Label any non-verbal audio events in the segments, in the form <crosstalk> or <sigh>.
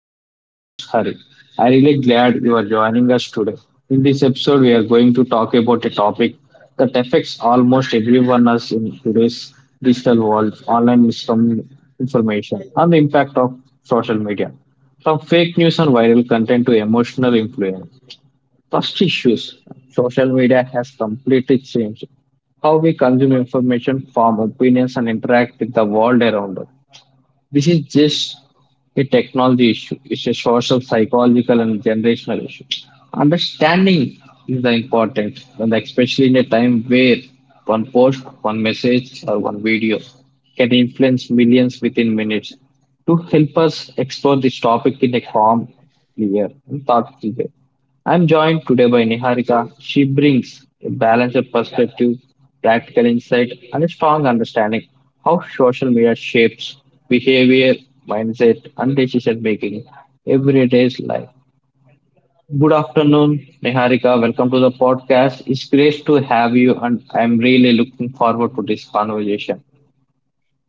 I am your host Hari. I am really glad you are joining us today. In this episode, we are going to talk about a topic that affects almost everyone us in today's digital world, online misinformation, and the impact of social media. From fake news and viral content to emotional influence. First issues. Social media has completely changed how we consume information, form opinions, and interact with the world around us. This is just a technology issue, it's a social, psychological, and generational issue. Understanding is the important, and especially in a time where one post, one message, or one video can influence millions within minutes. To help us explore this topic in a calm, clear, and thoughtful way. I'm joined today by Niharika. She brings a balanced perspective, practical insight, and a strong understanding how social media shapes behavior, mindset, and decision making every day's life. Good afternoon, Niharika. Welcome to the podcast. It's great to have you, and I'm really looking forward to this conversation.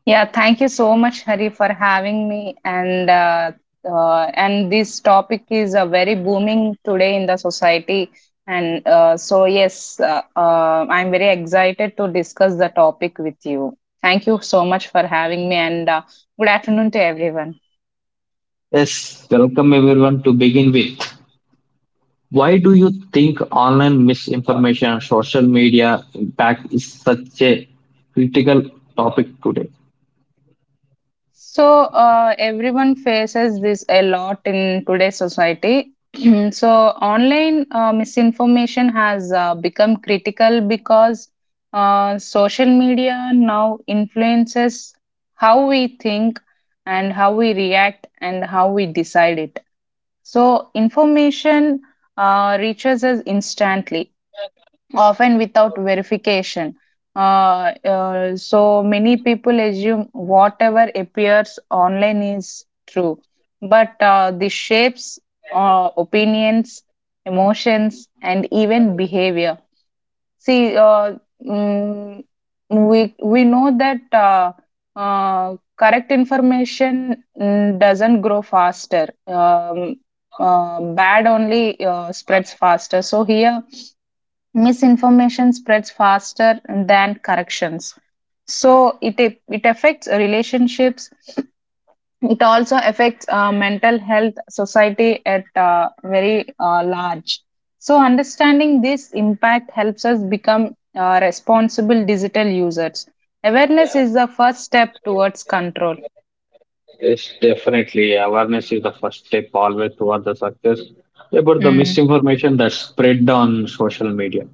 Yeah, thank you so much, Hari, for having me. And this topic is very booming today in the society. And so, yes, I'm very excited to discuss the topic with you. Thank you so much for having me, and good afternoon to everyone. Yes, welcome everyone to begin with. Why do you think online misinformation and social media impact is such a critical topic today? So, everyone faces this a lot in today's society. <clears throat> So, online misinformation has become critical because social media now influences how we think and how we react and how we decide it. So, information reaches us instantly, often without verification. So many people assume whatever appears online is true, but the shapes, opinions, emotions, and even behavior. See, mm, we know that correct information doesn't grow faster. Bad only spreads faster. So here, misinformation spreads faster than corrections, so it affects relationships. It also affects mental health, society at very large. So understanding this impact helps us become responsible digital users. Awareness is the first step towards control. Yes, definitely. Awareness is the first step always toward the success about the Mm. misinformation that's spread on social media.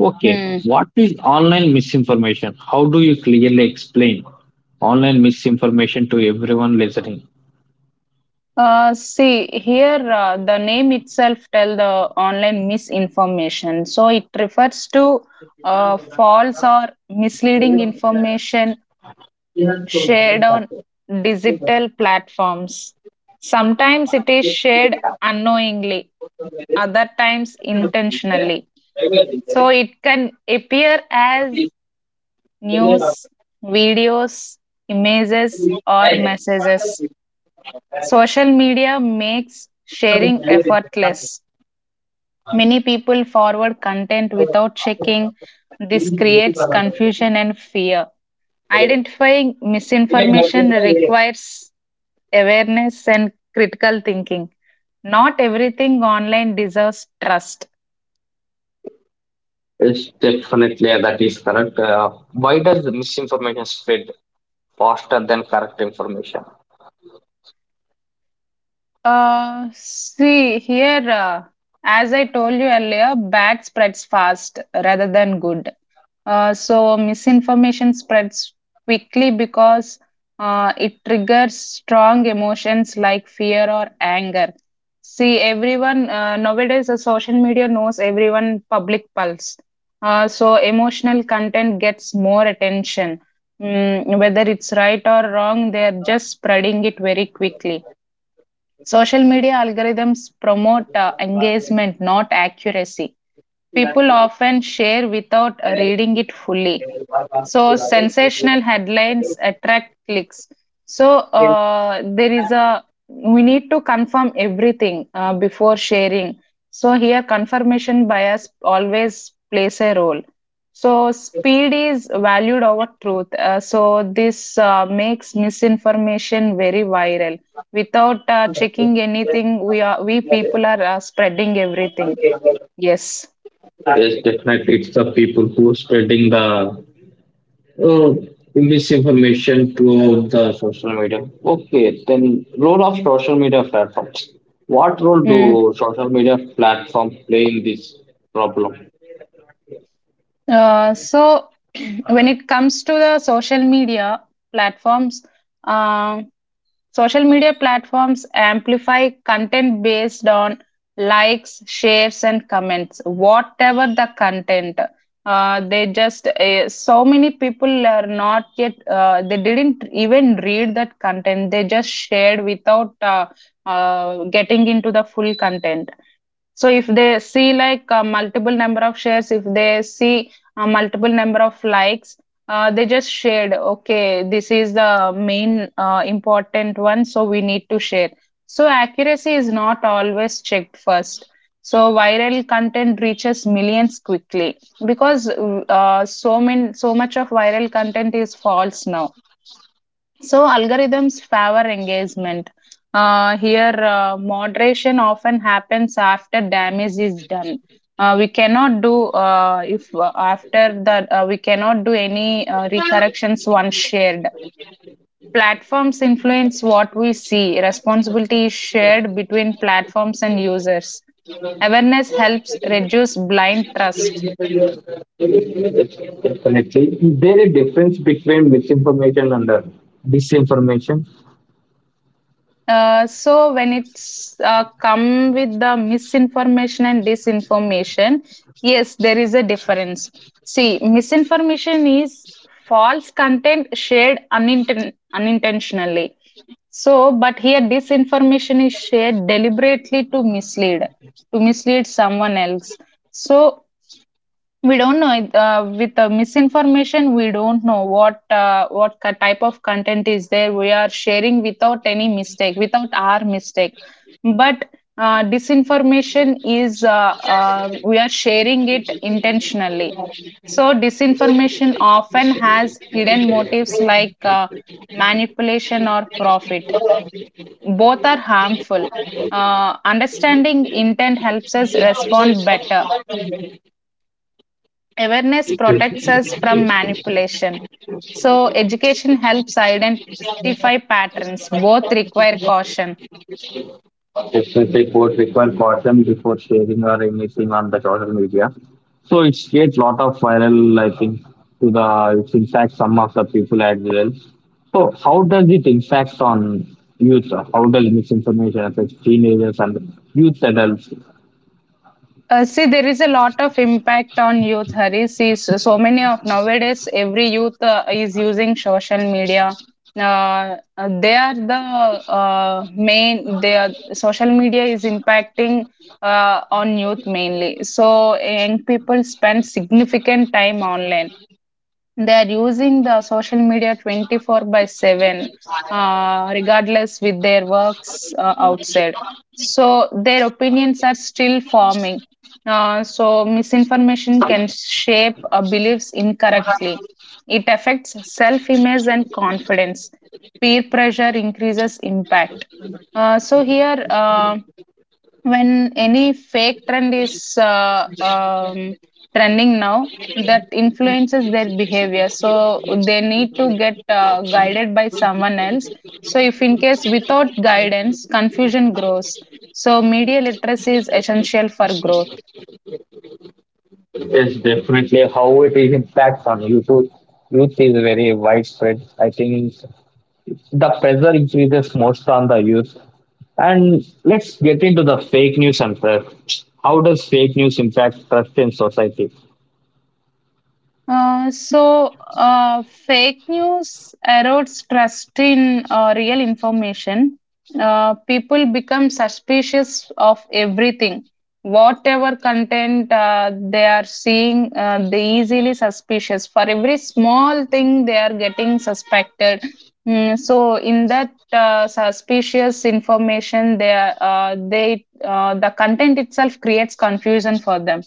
Okay, Mm. what is online misinformation? How do you clearly explain online misinformation to everyone listening? See, here, the name itself tell the online misinformation. So it refers to false or misleading information shared on digital platforms. Sometimes it is shared unknowingly, other times intentionally. So it can appear as news, videos, images, or messages. Social media makes sharing effortless. Many people forward content without checking. This creates confusion and fear. Identifying misinformation requires awareness and critical thinking. Not everything online deserves trust. Yes, definitely. That is correct. Why does the misinformation spread faster than correct information? See, here, as I told you earlier, bad spreads fast rather than good. So misinformation spreads quickly because it triggers strong emotions like fear or anger. See, everyone nowadays, the social media knows everyone public pulse. So emotional content gets more attention. Whether it's right or wrong, they're just spreading it very quickly. Social media algorithms promote engagement, not accuracy. People often share without reading it fully, so sensational headlines attract clicks. So there is a we need to confirm everything before sharing. So here, confirmation bias always plays a role. So speed is valued over truth. So this makes misinformation very viral. Without checking anything, we people are spreading everything. Yes. Yes, definitely. It's the people who are spreading the oh, misinformation throughout the social media. Okay, then role of social media platforms. What role Hmm. do social media platforms play in this problem? So <clears throat> when it comes to the platforms, uh, social media platforms amplify content based on likes, shares, and comments. Whatever the content, they just so many people are not yet. They didn't even read that content. They just shared without getting into the full content. So if they see, like, multiple number of shares, if they see multiple number of likes, they just shared, okay, this is the main important one, so we need to share. So accuracy is not always checked first. So viral content reaches millions quickly, because so much of viral content is false now, so algorithms favor engagement. Here, moderation often happens after damage is done. We cannot do if after that We cannot do any recorrections once shared. Platforms influence what we see. Responsibility is shared between platforms and users. Awareness helps reduce blind trust. Yes, definitely. Is there a difference between misinformation and disinformation? So when it's come with the misinformation and disinformation, yes, there is a difference. See, misinformation is false content shared unintentionally. So, but here, disinformation is shared deliberately to mislead someone else. So we don't know it, with the misinformation. We don't know what type of content is there. We are sharing without any mistake, without our mistake. But disinformation is we are sharing it intentionally. So disinformation often has hidden motives like manipulation or profit. Both are harmful. Understanding intent helps us respond better. Awareness protects us from manipulation. So, education helps identify patterns. Both require caution. Specific what required caution before sharing or anything on the social media. So it creates lot of viral, I think, to the it impacts some of the people as well. So how does it impact on youth? How does misinformation affect teenagers and youth adults? See, there is a lot of impact on youth, Hari. See, so many of nowadays, every youth is using social media. They are the main, they are, Social media is impacting on youth mainly. So young people spend significant time online. They are using the social media 24 by 7, regardless with their works outside, so their opinions are still forming. So misinformation can shape beliefs incorrectly. It affects self image and confidence. Peer pressure increases impact. So here, when any fake trend is trending now, that influences their behavior, so they need to get guided by someone else. So if in case without guidance, confusion grows. So media literacy is essential for growth. Yes, definitely. How it is impacts on youth. Youth is very widespread. I think the pressure increases most on the youth. And let's get into the fake news and trust. How does fake news impact trust in society? Uh, so, Fake news erodes trust in real information. People become suspicious of everything. Whatever content they are seeing, they easily suspicious. For every small thing, they are getting suspected. So, in that suspicious information, they are, they the content itself creates confusion for them.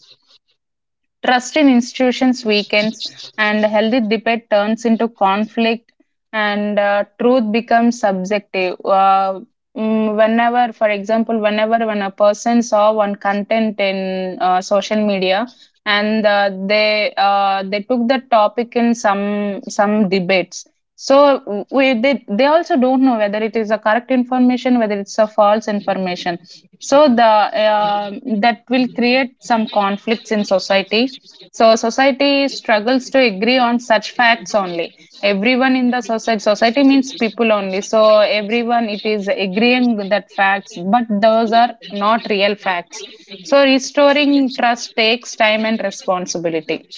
Trust in institutions weakens, and healthy debate turns into conflict, and truth becomes subjective. Whenever, for example, when a person saw one content in social media, and they took the topic in some debates. So they also don't know whether it is a correct information, whether it's a false information. So the uh, that will create some conflicts in society, so society struggles to agree on such facts only. Everyone in the society, society means people only. So everyone it is agreeing with that facts, but those are not real facts. So restoring trust takes time and responsibility.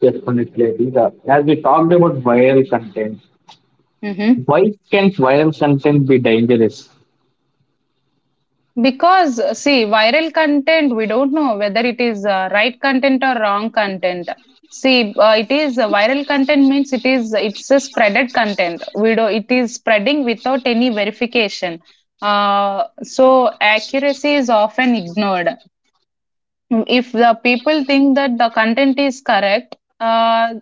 Definitely. Rita. As we talked about viral content, Mhm. why can viral content be dangerous? Because, see, viral content, we don't know whether it is right content or wrong content. See, it is viral content means it's a spreaded content. We do It is spreading without any verification. So accuracy is often ignored. If the people think that the content is correct, uh,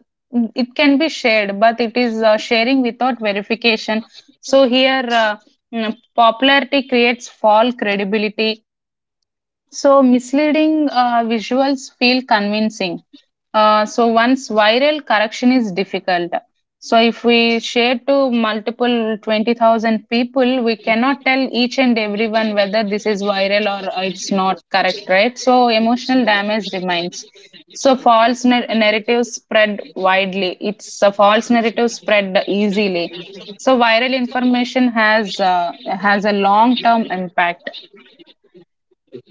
it can be shared, but it is sharing without verification. So here, popularity creates false credibility. So misleading visuals feel convincing. So, once viral, correction is difficult. So, if we share to multiple 20,000 people, we cannot tell each and everyone whether this is viral or it's not correct, right? So emotional damage remains. So false narratives spread widely. It's a false narrative spread easily. So viral information has a long term impact.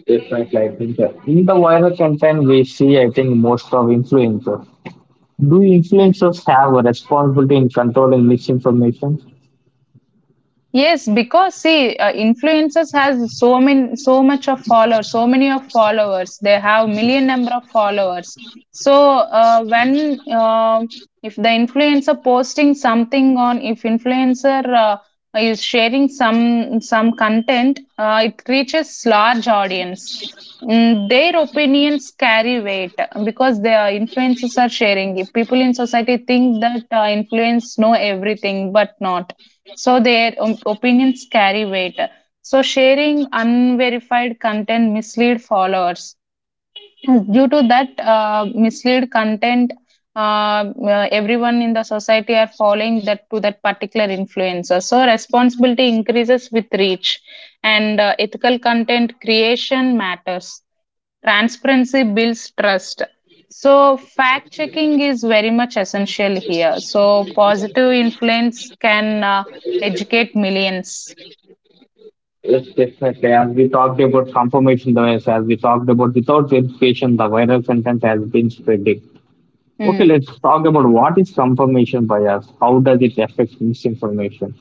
Definitely, I think that in the viral content we see, I think most of influencers. Do Hmm. influencers have a responsibility in controlling misinformation? Yes, because see, influencers has so many, so much of followers, so many of followers. They have million number of followers. So when if the influencer posting something on, if influencer is sharing some content, it reaches large audience. Their opinions carry weight because the influencers are sharing. If people in society think that influence know everything, but not, so their opinions carry weight, so sharing unverified content mislead followers. Due to that mislead content, everyone in the society are following that to that particular influencer, so responsibility increases with reach. And ethical content creation matters. Transparency builds trust. So fact checking is very much essential here. So positive influence can educate millions. Yes, definitely. As we talked about confirmation bias, as we talked about without verification, the viral content has been spreading. Okay, Mm. let's talk about what is confirmation bias. How does it affect misinformation?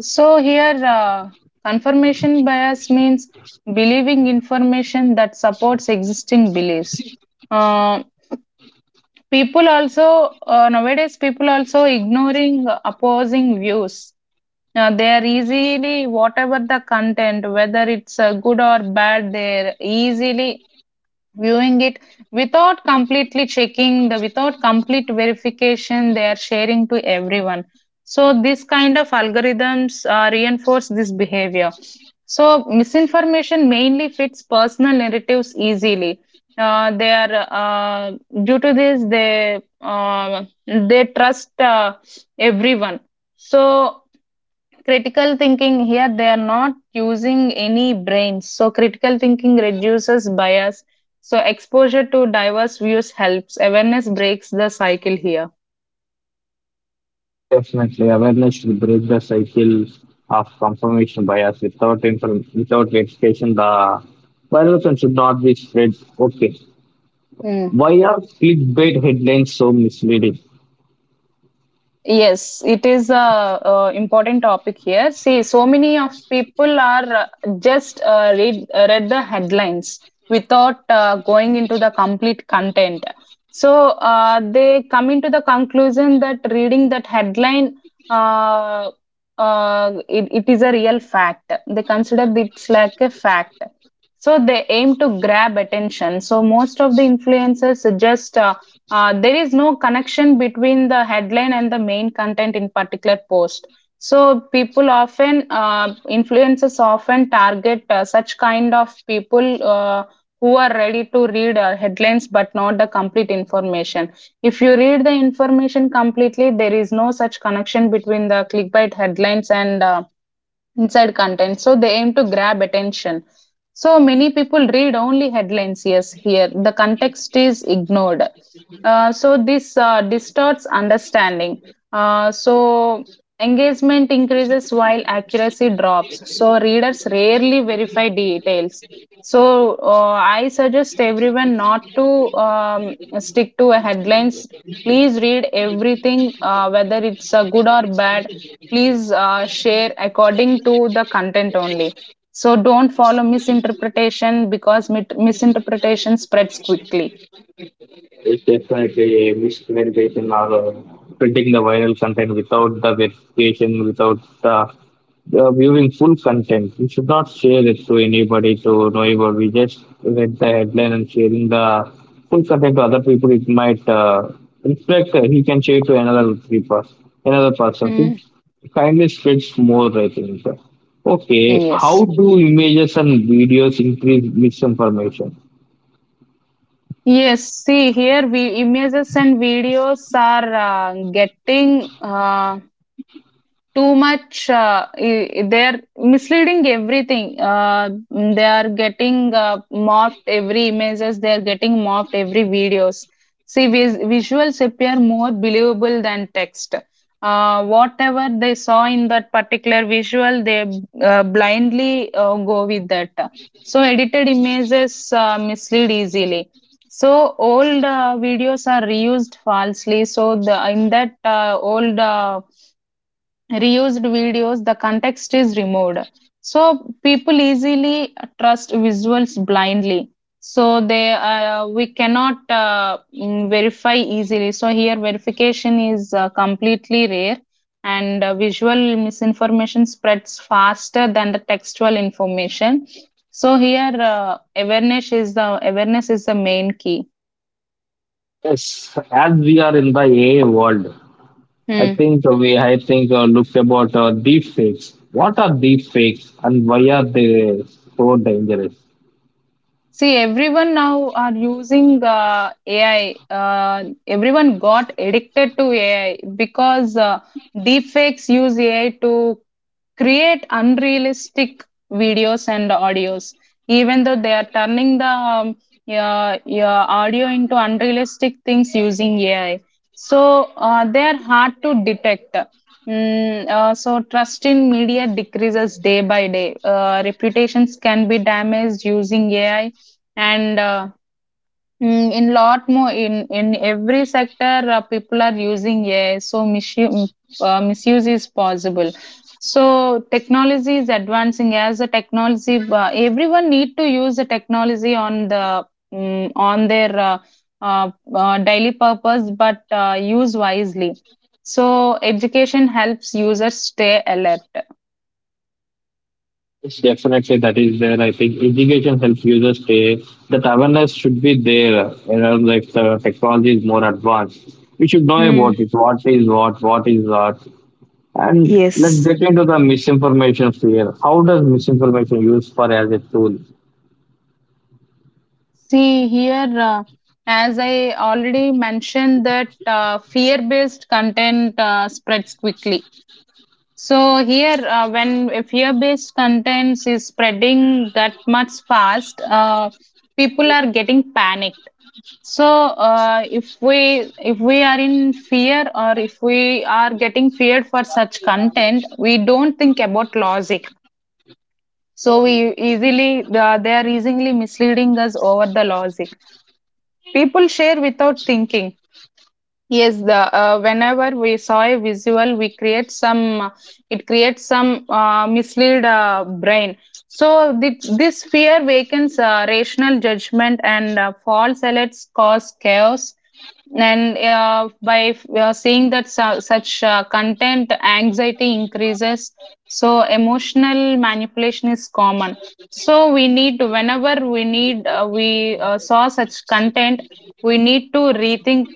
So here, confirmation bias means believing information that supports existing beliefs. Uh, people also Nowadays, people also ignoring opposing views. Now they are easily whatever the content, whether it's good or bad, they're easily viewing it without completely checking the without complete verification. They are sharing to everyone. So this kind of algorithms reinforce this behavior. So misinformation mainly fits personal narratives easily. They are Due to this, they trust everyone. So critical thinking here, they are not using any brains. So critical thinking reduces bias. So exposure to diverse views helps. Awareness breaks the cycle here. Definitely, awareness should break the cycle of confirmation bias. Without inform- without verification, the viral content should not be spread. Okay, Hmm. why are clickbait headlines so misleading? Yes, it is a, important topic here. See, so many of people are just read the headlines without going into the complete content. So they come into the conclusion that reading that headline, uh, it is a real fact. They consider it's like a fact. So they aim to grab attention. So most of the influencers, just there is no connection between the headline and the main content in particular post. So people often influencers often target such kind of people who are ready to read headlines but not the complete information. If you read the information completely, there is no such connection between the clickbait headlines and inside content. So they aim to grab attention. So many people read only headlines, yes, here. The context is ignored. So this distorts understanding. So engagement increases while accuracy drops. So readers rarely verify details. So I suggest everyone not to stick to a headlines. Please read everything, whether it's good or bad, please share according to the content only. So don't follow misinterpretation because misinterpretation spreads quickly. It's definitely a miscommunication or spreading the viral content without the verification, without the viewing full content. We should not share it to anybody to know about. We just read the headline and sharing the full content to other people. It might reflect. He can share to another three-person, another person. Mm. It kindly spreads more, I think. Okay, how Yes. do images and videos increase misinformation? Yes, see here we images and videos are getting uh, too much, they are misleading everything. They are getting uh, morphed every images. They are getting morphed every videos. See, visuals appear more believable than text. Whatever they saw in that particular visual, they blindly go with that. So edited images mislead easily. So old videos are reused falsely. So the in that old reused videos, the context is removed. So people easily trust visuals blindly. So they we cannot verify easily. So here verification is completely rare, and visual misinformation spreads faster than the textual information. So here awareness is the main key. Yes, as we are in the AI world, I think we I think look about deep fakes. What are deep fakes and why are they so dangerous? See, everyone now are using AI. Everyone got addicted to AI because deepfakes use AI to create unrealistic videos and audios, even though they are turning the audio into unrealistic things using ai. So they are hard to detect. So trust in media decreases day by day. Reputations can be damaged using ai, and in lot more in every sector people are using AI, so misuse is possible. So technology is advancing as a technology. Everyone need to use the technology on the mm on their daily purpose, but use wisely. So education helps users stay alert. Yes, definitely that is there. I think education helps users stay. That awareness should be there. You know, like the technology is more advanced, we should know about it. Hmm. What is what? What is what? And let's get into the misinformation fear. How does misinformation use for as a tool? See here, as I already mentioned, that fear-based content spreads quickly. So here, when a fear-based content is spreading that much fast, people are getting panicked. So if we are in fear or if we are getting feared for such content, we don't think about logic. So we easily they are easily misleading us over the logic. People share without thinking. Yes, the whenever we saw a visual, we create some. It creates some mislead brain. So this fear wakens rational judgment, and false alerts cause chaos. And by seeing that such content, anxiety increases. So emotional manipulation is common. So we need whenever we need we saw such content, we need to rethink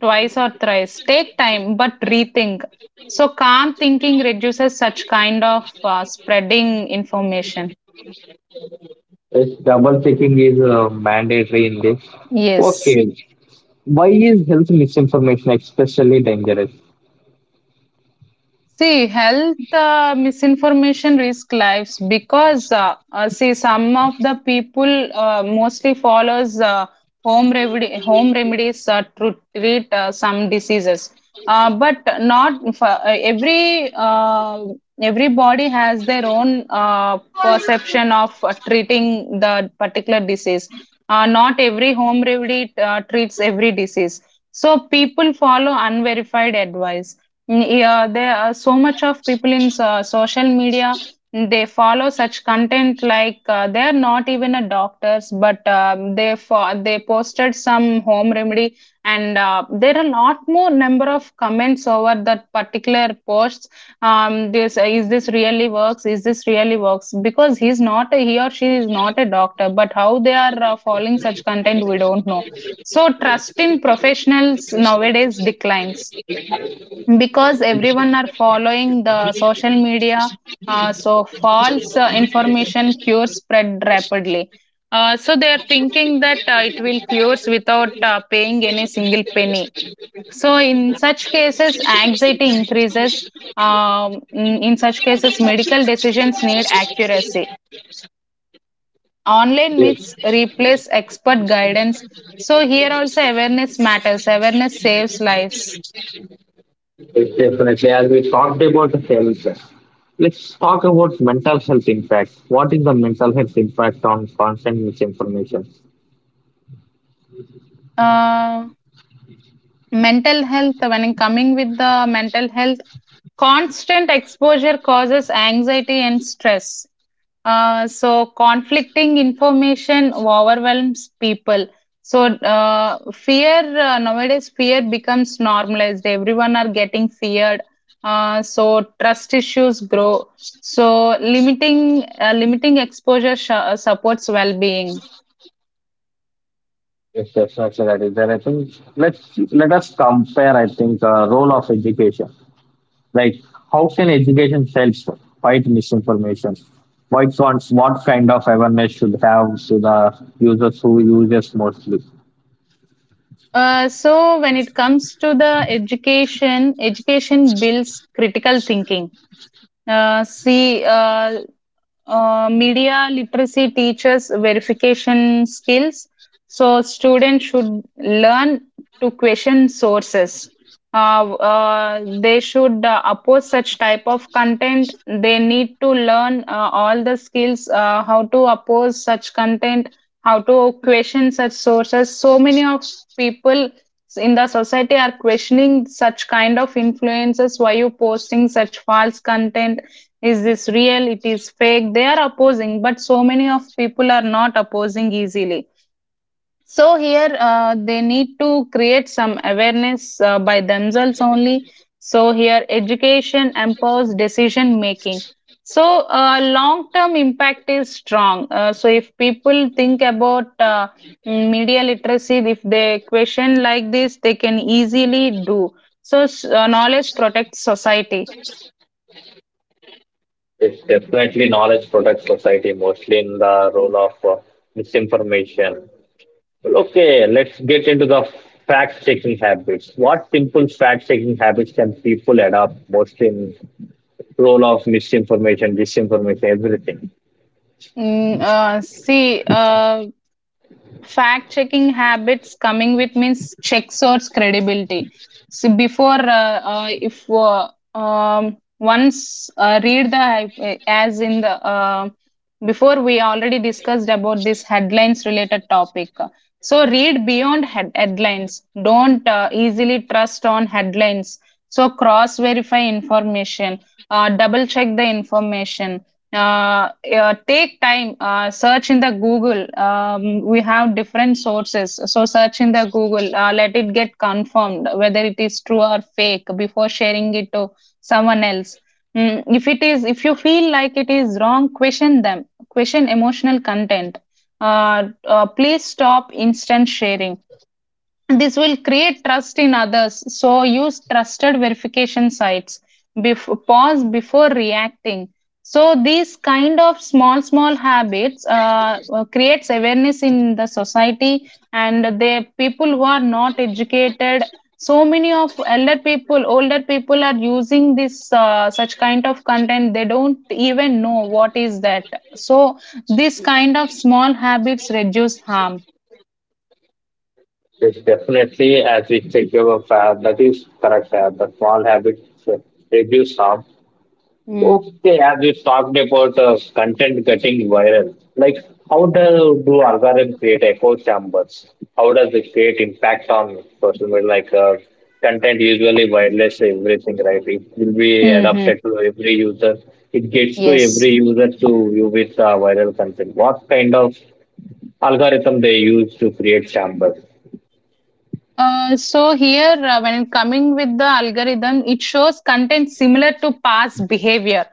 twice or thrice. Take time, but rethink. So calm thinking reduces such kind of spreading information. Yes, double checking is mandatory in this. Yes. Okay. Why is health misinformation especially dangerous? See, health misinformation risk lives because see some of the people mostly follows home remedies to treat some diseases. But not for, every everybody has their own perception of treating the particular disease. Not every home remedy treats every disease. So people follow unverified advice. Yeah, there are so much of people in social media. They follow such content like they are not even a doctors, but they posted some home remedy, and there are a lot more number of comments over that particular posts. This Is this really works? Because he or she is not a doctor, but how they are following such content, we don't know. So trust in professionals nowadays declines because everyone are following the social media. So false information cures spread rapidly. So they are thinking that it will cures without paying any single penny. So in such cases anxiety increases. In such cases medical decisions need accuracy. Online Yes, myths, replace expert guidance. So here also awareness matters. Awareness saves lives. yes, definitely. As we talked about health, let's talk about mental health impact. What is the mental health impact on constant misinformation? Uh, Mental health, when I'm coming with the mental health, constant exposure causes anxiety and stress. So conflicting information overwhelms people. So fear nowadays fear becomes normalized. Everyone are getting feared. So trust issues grow. So limiting exposure supports well-being. Yes, definitely that is there. I think let's let us compare. I think role of education. Like, how can education help fight misinformation? What wants, what kind of awareness should have to the users who use this mostly? So when it comes to the education, education builds critical thinking. Uh, see, uh, Media literacy teaches verification skills, so students should learn to question sources. They should oppose such type of content. They need to learn all the skills, how to oppose such content, how to question such sources. So many of people in the society are questioning such kind of influences. Why you posting such false content? Is this real? It is fake. They are opposing, but so many of people are not opposing easily. So here they need to create some awareness by themselves only. So here education empowers decision making. So long term impact is strong. So if people think about media literacy, if they question like this, they can easily do. So knowledge protects society. It's definitely knowledge protects society, mostly in the role of misinformation. Well, okay, let's get into the fact checking habits. What simple fact checking habits can people adopt, mostly in role of misinformation, disinformation, everything? Mm, uh, see, uh, Fact checking habits coming with means checks or credibility. So before if once read the as in the before we already discussed about this headlines related topic. So read beyond headlines. Don't easily trust on headlines. So cross verify information. Double check the information. Take time, search in the google. We have different sources, so search in the google. Let it get confirmed whether it is true or fake before sharing it to someone else. If it is if you feel like it is wrong, question them. Question emotional content. Please stop instant sharing. This will create trust in others. So use trusted verification sites. Pause before reacting. So these kind of small small habits creates awareness in the society and the people who are not educated. So many of elder people, older people are using this such kind of content. They don't even know what is that. So this kind of small habits reduce harm. It's definitely as we take your fair that is correct. The small habits uh, reduce harm. Mm. Okay, as we talked about content getting viral, like how do algorithm create echo chambers? How does it create impact on social media? Like content usually wireless everything, right? It will be Hmm. adapted to every user. It gets to Yes. every user to view with viral content. What kind of algorithm they use to create chambers? So here, when coming with the algorithm, it shows content similar to past behavior.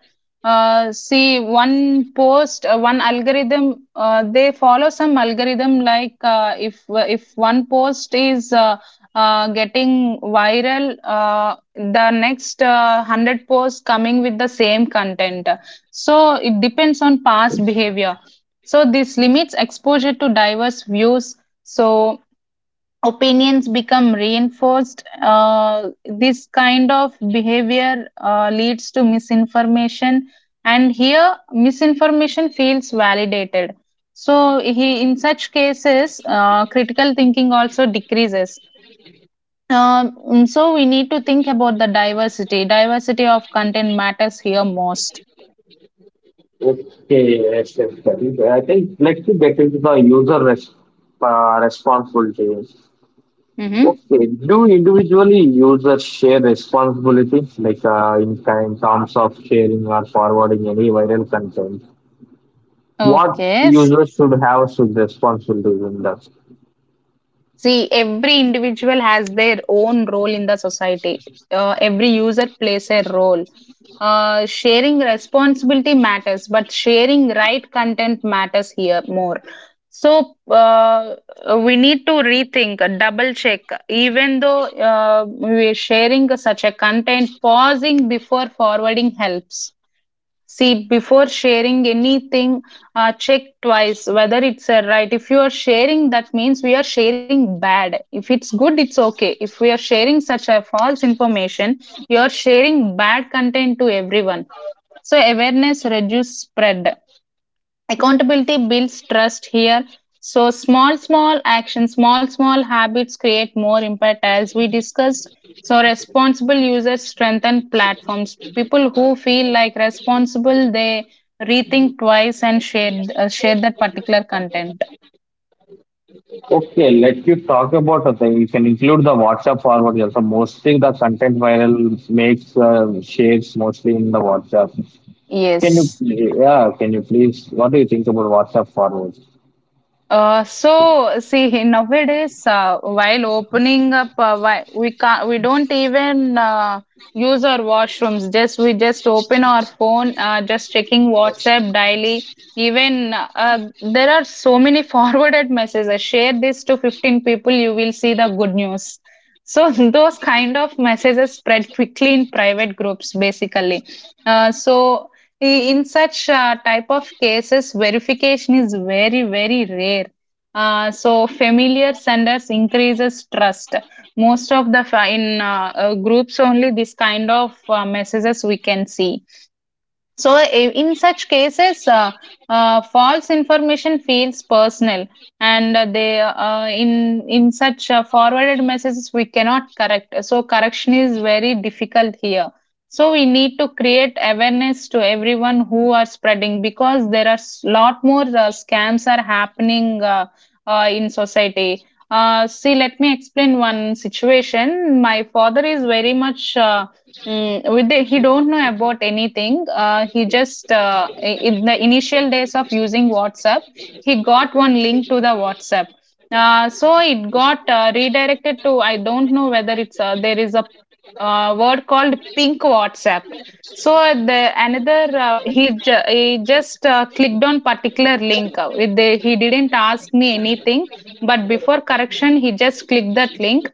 See, one post, one algorithm, they follow some algorithm like if one post is getting viral, the next hundred posts coming with the same content. So it depends on past behavior. So this limits exposure to diverse views. So opinions become reinforced. This kind of behavior leads to misinformation, and here misinformation feels validated. So, in such cases, critical thinking also decreases. So, we need to think about the diversity. Diversity of content matters here most. Okay, yes, yes, that is. Right. I think let's get into the user res responsibilities. Hmm. Okay, do individually users share responsibility, like in kind terms of sharing or forwarding any viral content? What Okay. users should have should responsibilities in that? See, every individual has their own role in the society. Every user plays a role. Sharing responsibility matters, but sharing right content matters here more. So we need to rethink, double check. Even though we're sharing such a content, pausing before forwarding helps. See, before sharing anything, check twice whether it's a right. If you are sharing, that means we are sharing bad. If it's good, it's okay. If we are sharing such a false information, you are sharing bad content to everyone. So awareness reduce spread. Accountability builds trust here. So small small actions, small small habits create more impact as we discussed. So responsible users strengthen platforms. People who feel like responsible, they rethink twice and share share that particular content. Okay, let you talk about the thing. You can include the WhatsApp forwarding also. Mostly the content viral makes shares mostly in the WhatsApp. Can you, Yes. pl- yeah, can you please, what do you think about WhatsApp forwards? So see nowadays while opening up why we don't even use our washrooms. Just we just open our phone, just checking whatsapp daily. Even there are so many <laughs> forwarded messages. Share this to 15 people, you will see the good news. So <laughs> those kind of messages spread quickly in private groups basically. So in such type of cases verification is very very rare. So familiar senders increases trust. Most of the fi- in groups only this kind of messages we can see. So, in such cases, false information feels personal, and they in such forwarded messages we cannot correct. So, correction is very difficult here. So, we need to create awareness to everyone who are spreading, because there are lot more scams are happening in society. See, let me explain one situation. My father is very much. With the, he don't know about anything. He just in the initial days of using WhatsApp, he got one link to the WhatsApp. So it got redirected to I don't know whether it's there is a word called pink WhatsApp. So the another he just clicked on particular link. With the, he didn't ask me anything, but before correction he just clicked that link,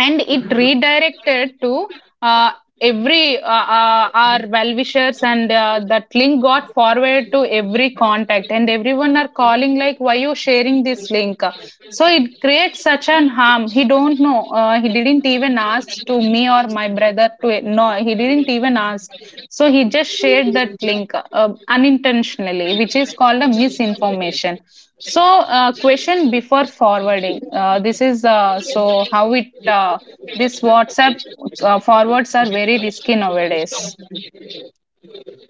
and it redirected to uh, every our well wishers, and that link got forwarded to every contact, and everyone are calling like why you sharing this link. So it creates such an harm. He don't know, he didn't even ask to me or my brother to, no, he didn't even ask. So he just shared that link unintentionally, which is called a misinformation. So, question before forwarding. This is so how it This WhatsApp forwards are very risky nowadays.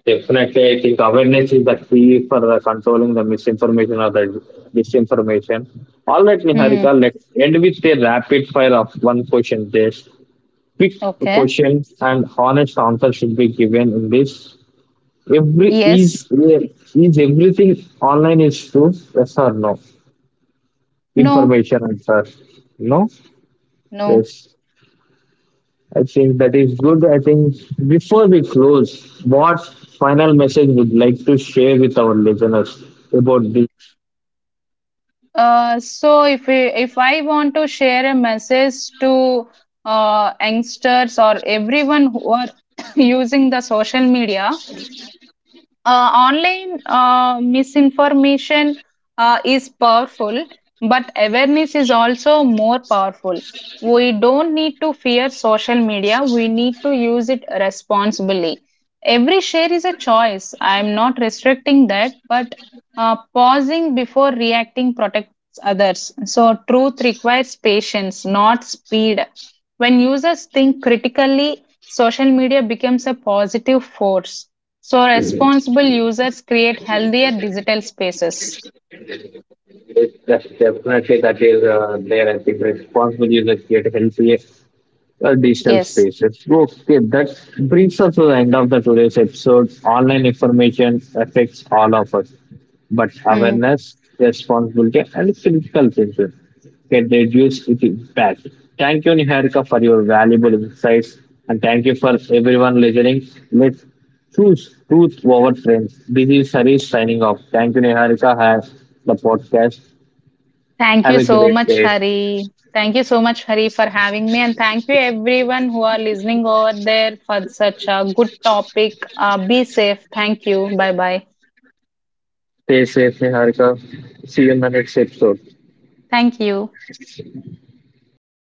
Definitely, I think awareness is the key for the controlling the misinformation or the disinformation. All right, Hmm. Niharika, let's end with a rapid fire of one question. This quick Okay. questions and honest answer should be given in this. Every Yes. is everything online is true? Yes or no? No. Information answer. No. No. Yes. I think that is good. I think before we close, what final message would like to share with our listeners about this? So if we, if I want to share a message to youngsters or everyone who are <coughs> using the social media, online misinformation is powerful, but awareness is also more powerful. We don't need to fear social media, we need to use it responsibly. Every share is a choice. I'm not restricting that, but pausing before reacting protects others. So, truth requires patience, not speed. When users think critically, social media becomes a positive force. So responsible users create healthier digital spaces. Yes, that's definitely that is there. I think responsibility is a great healthy digital Yes. spaces. Okay, that brings us to the end of the today's episode. Online information affects all of us, but Mm. awareness, responsibility, and critical thinking can reduce its impact. Thank you, Niharika, for your valuable insights, and thank you for everyone listening. Let's choose truth over trends. This is Harish signing off. Thank you, Niharika, have the podcast. Thank Have you a so great much, day. Hari. Thank you so much, Hari, for having me. And thank you, everyone who are listening over there for such a good topic. Be safe. Thank you. Bye bye. Stay safe, Niharika. See you in the next episode. Thank you.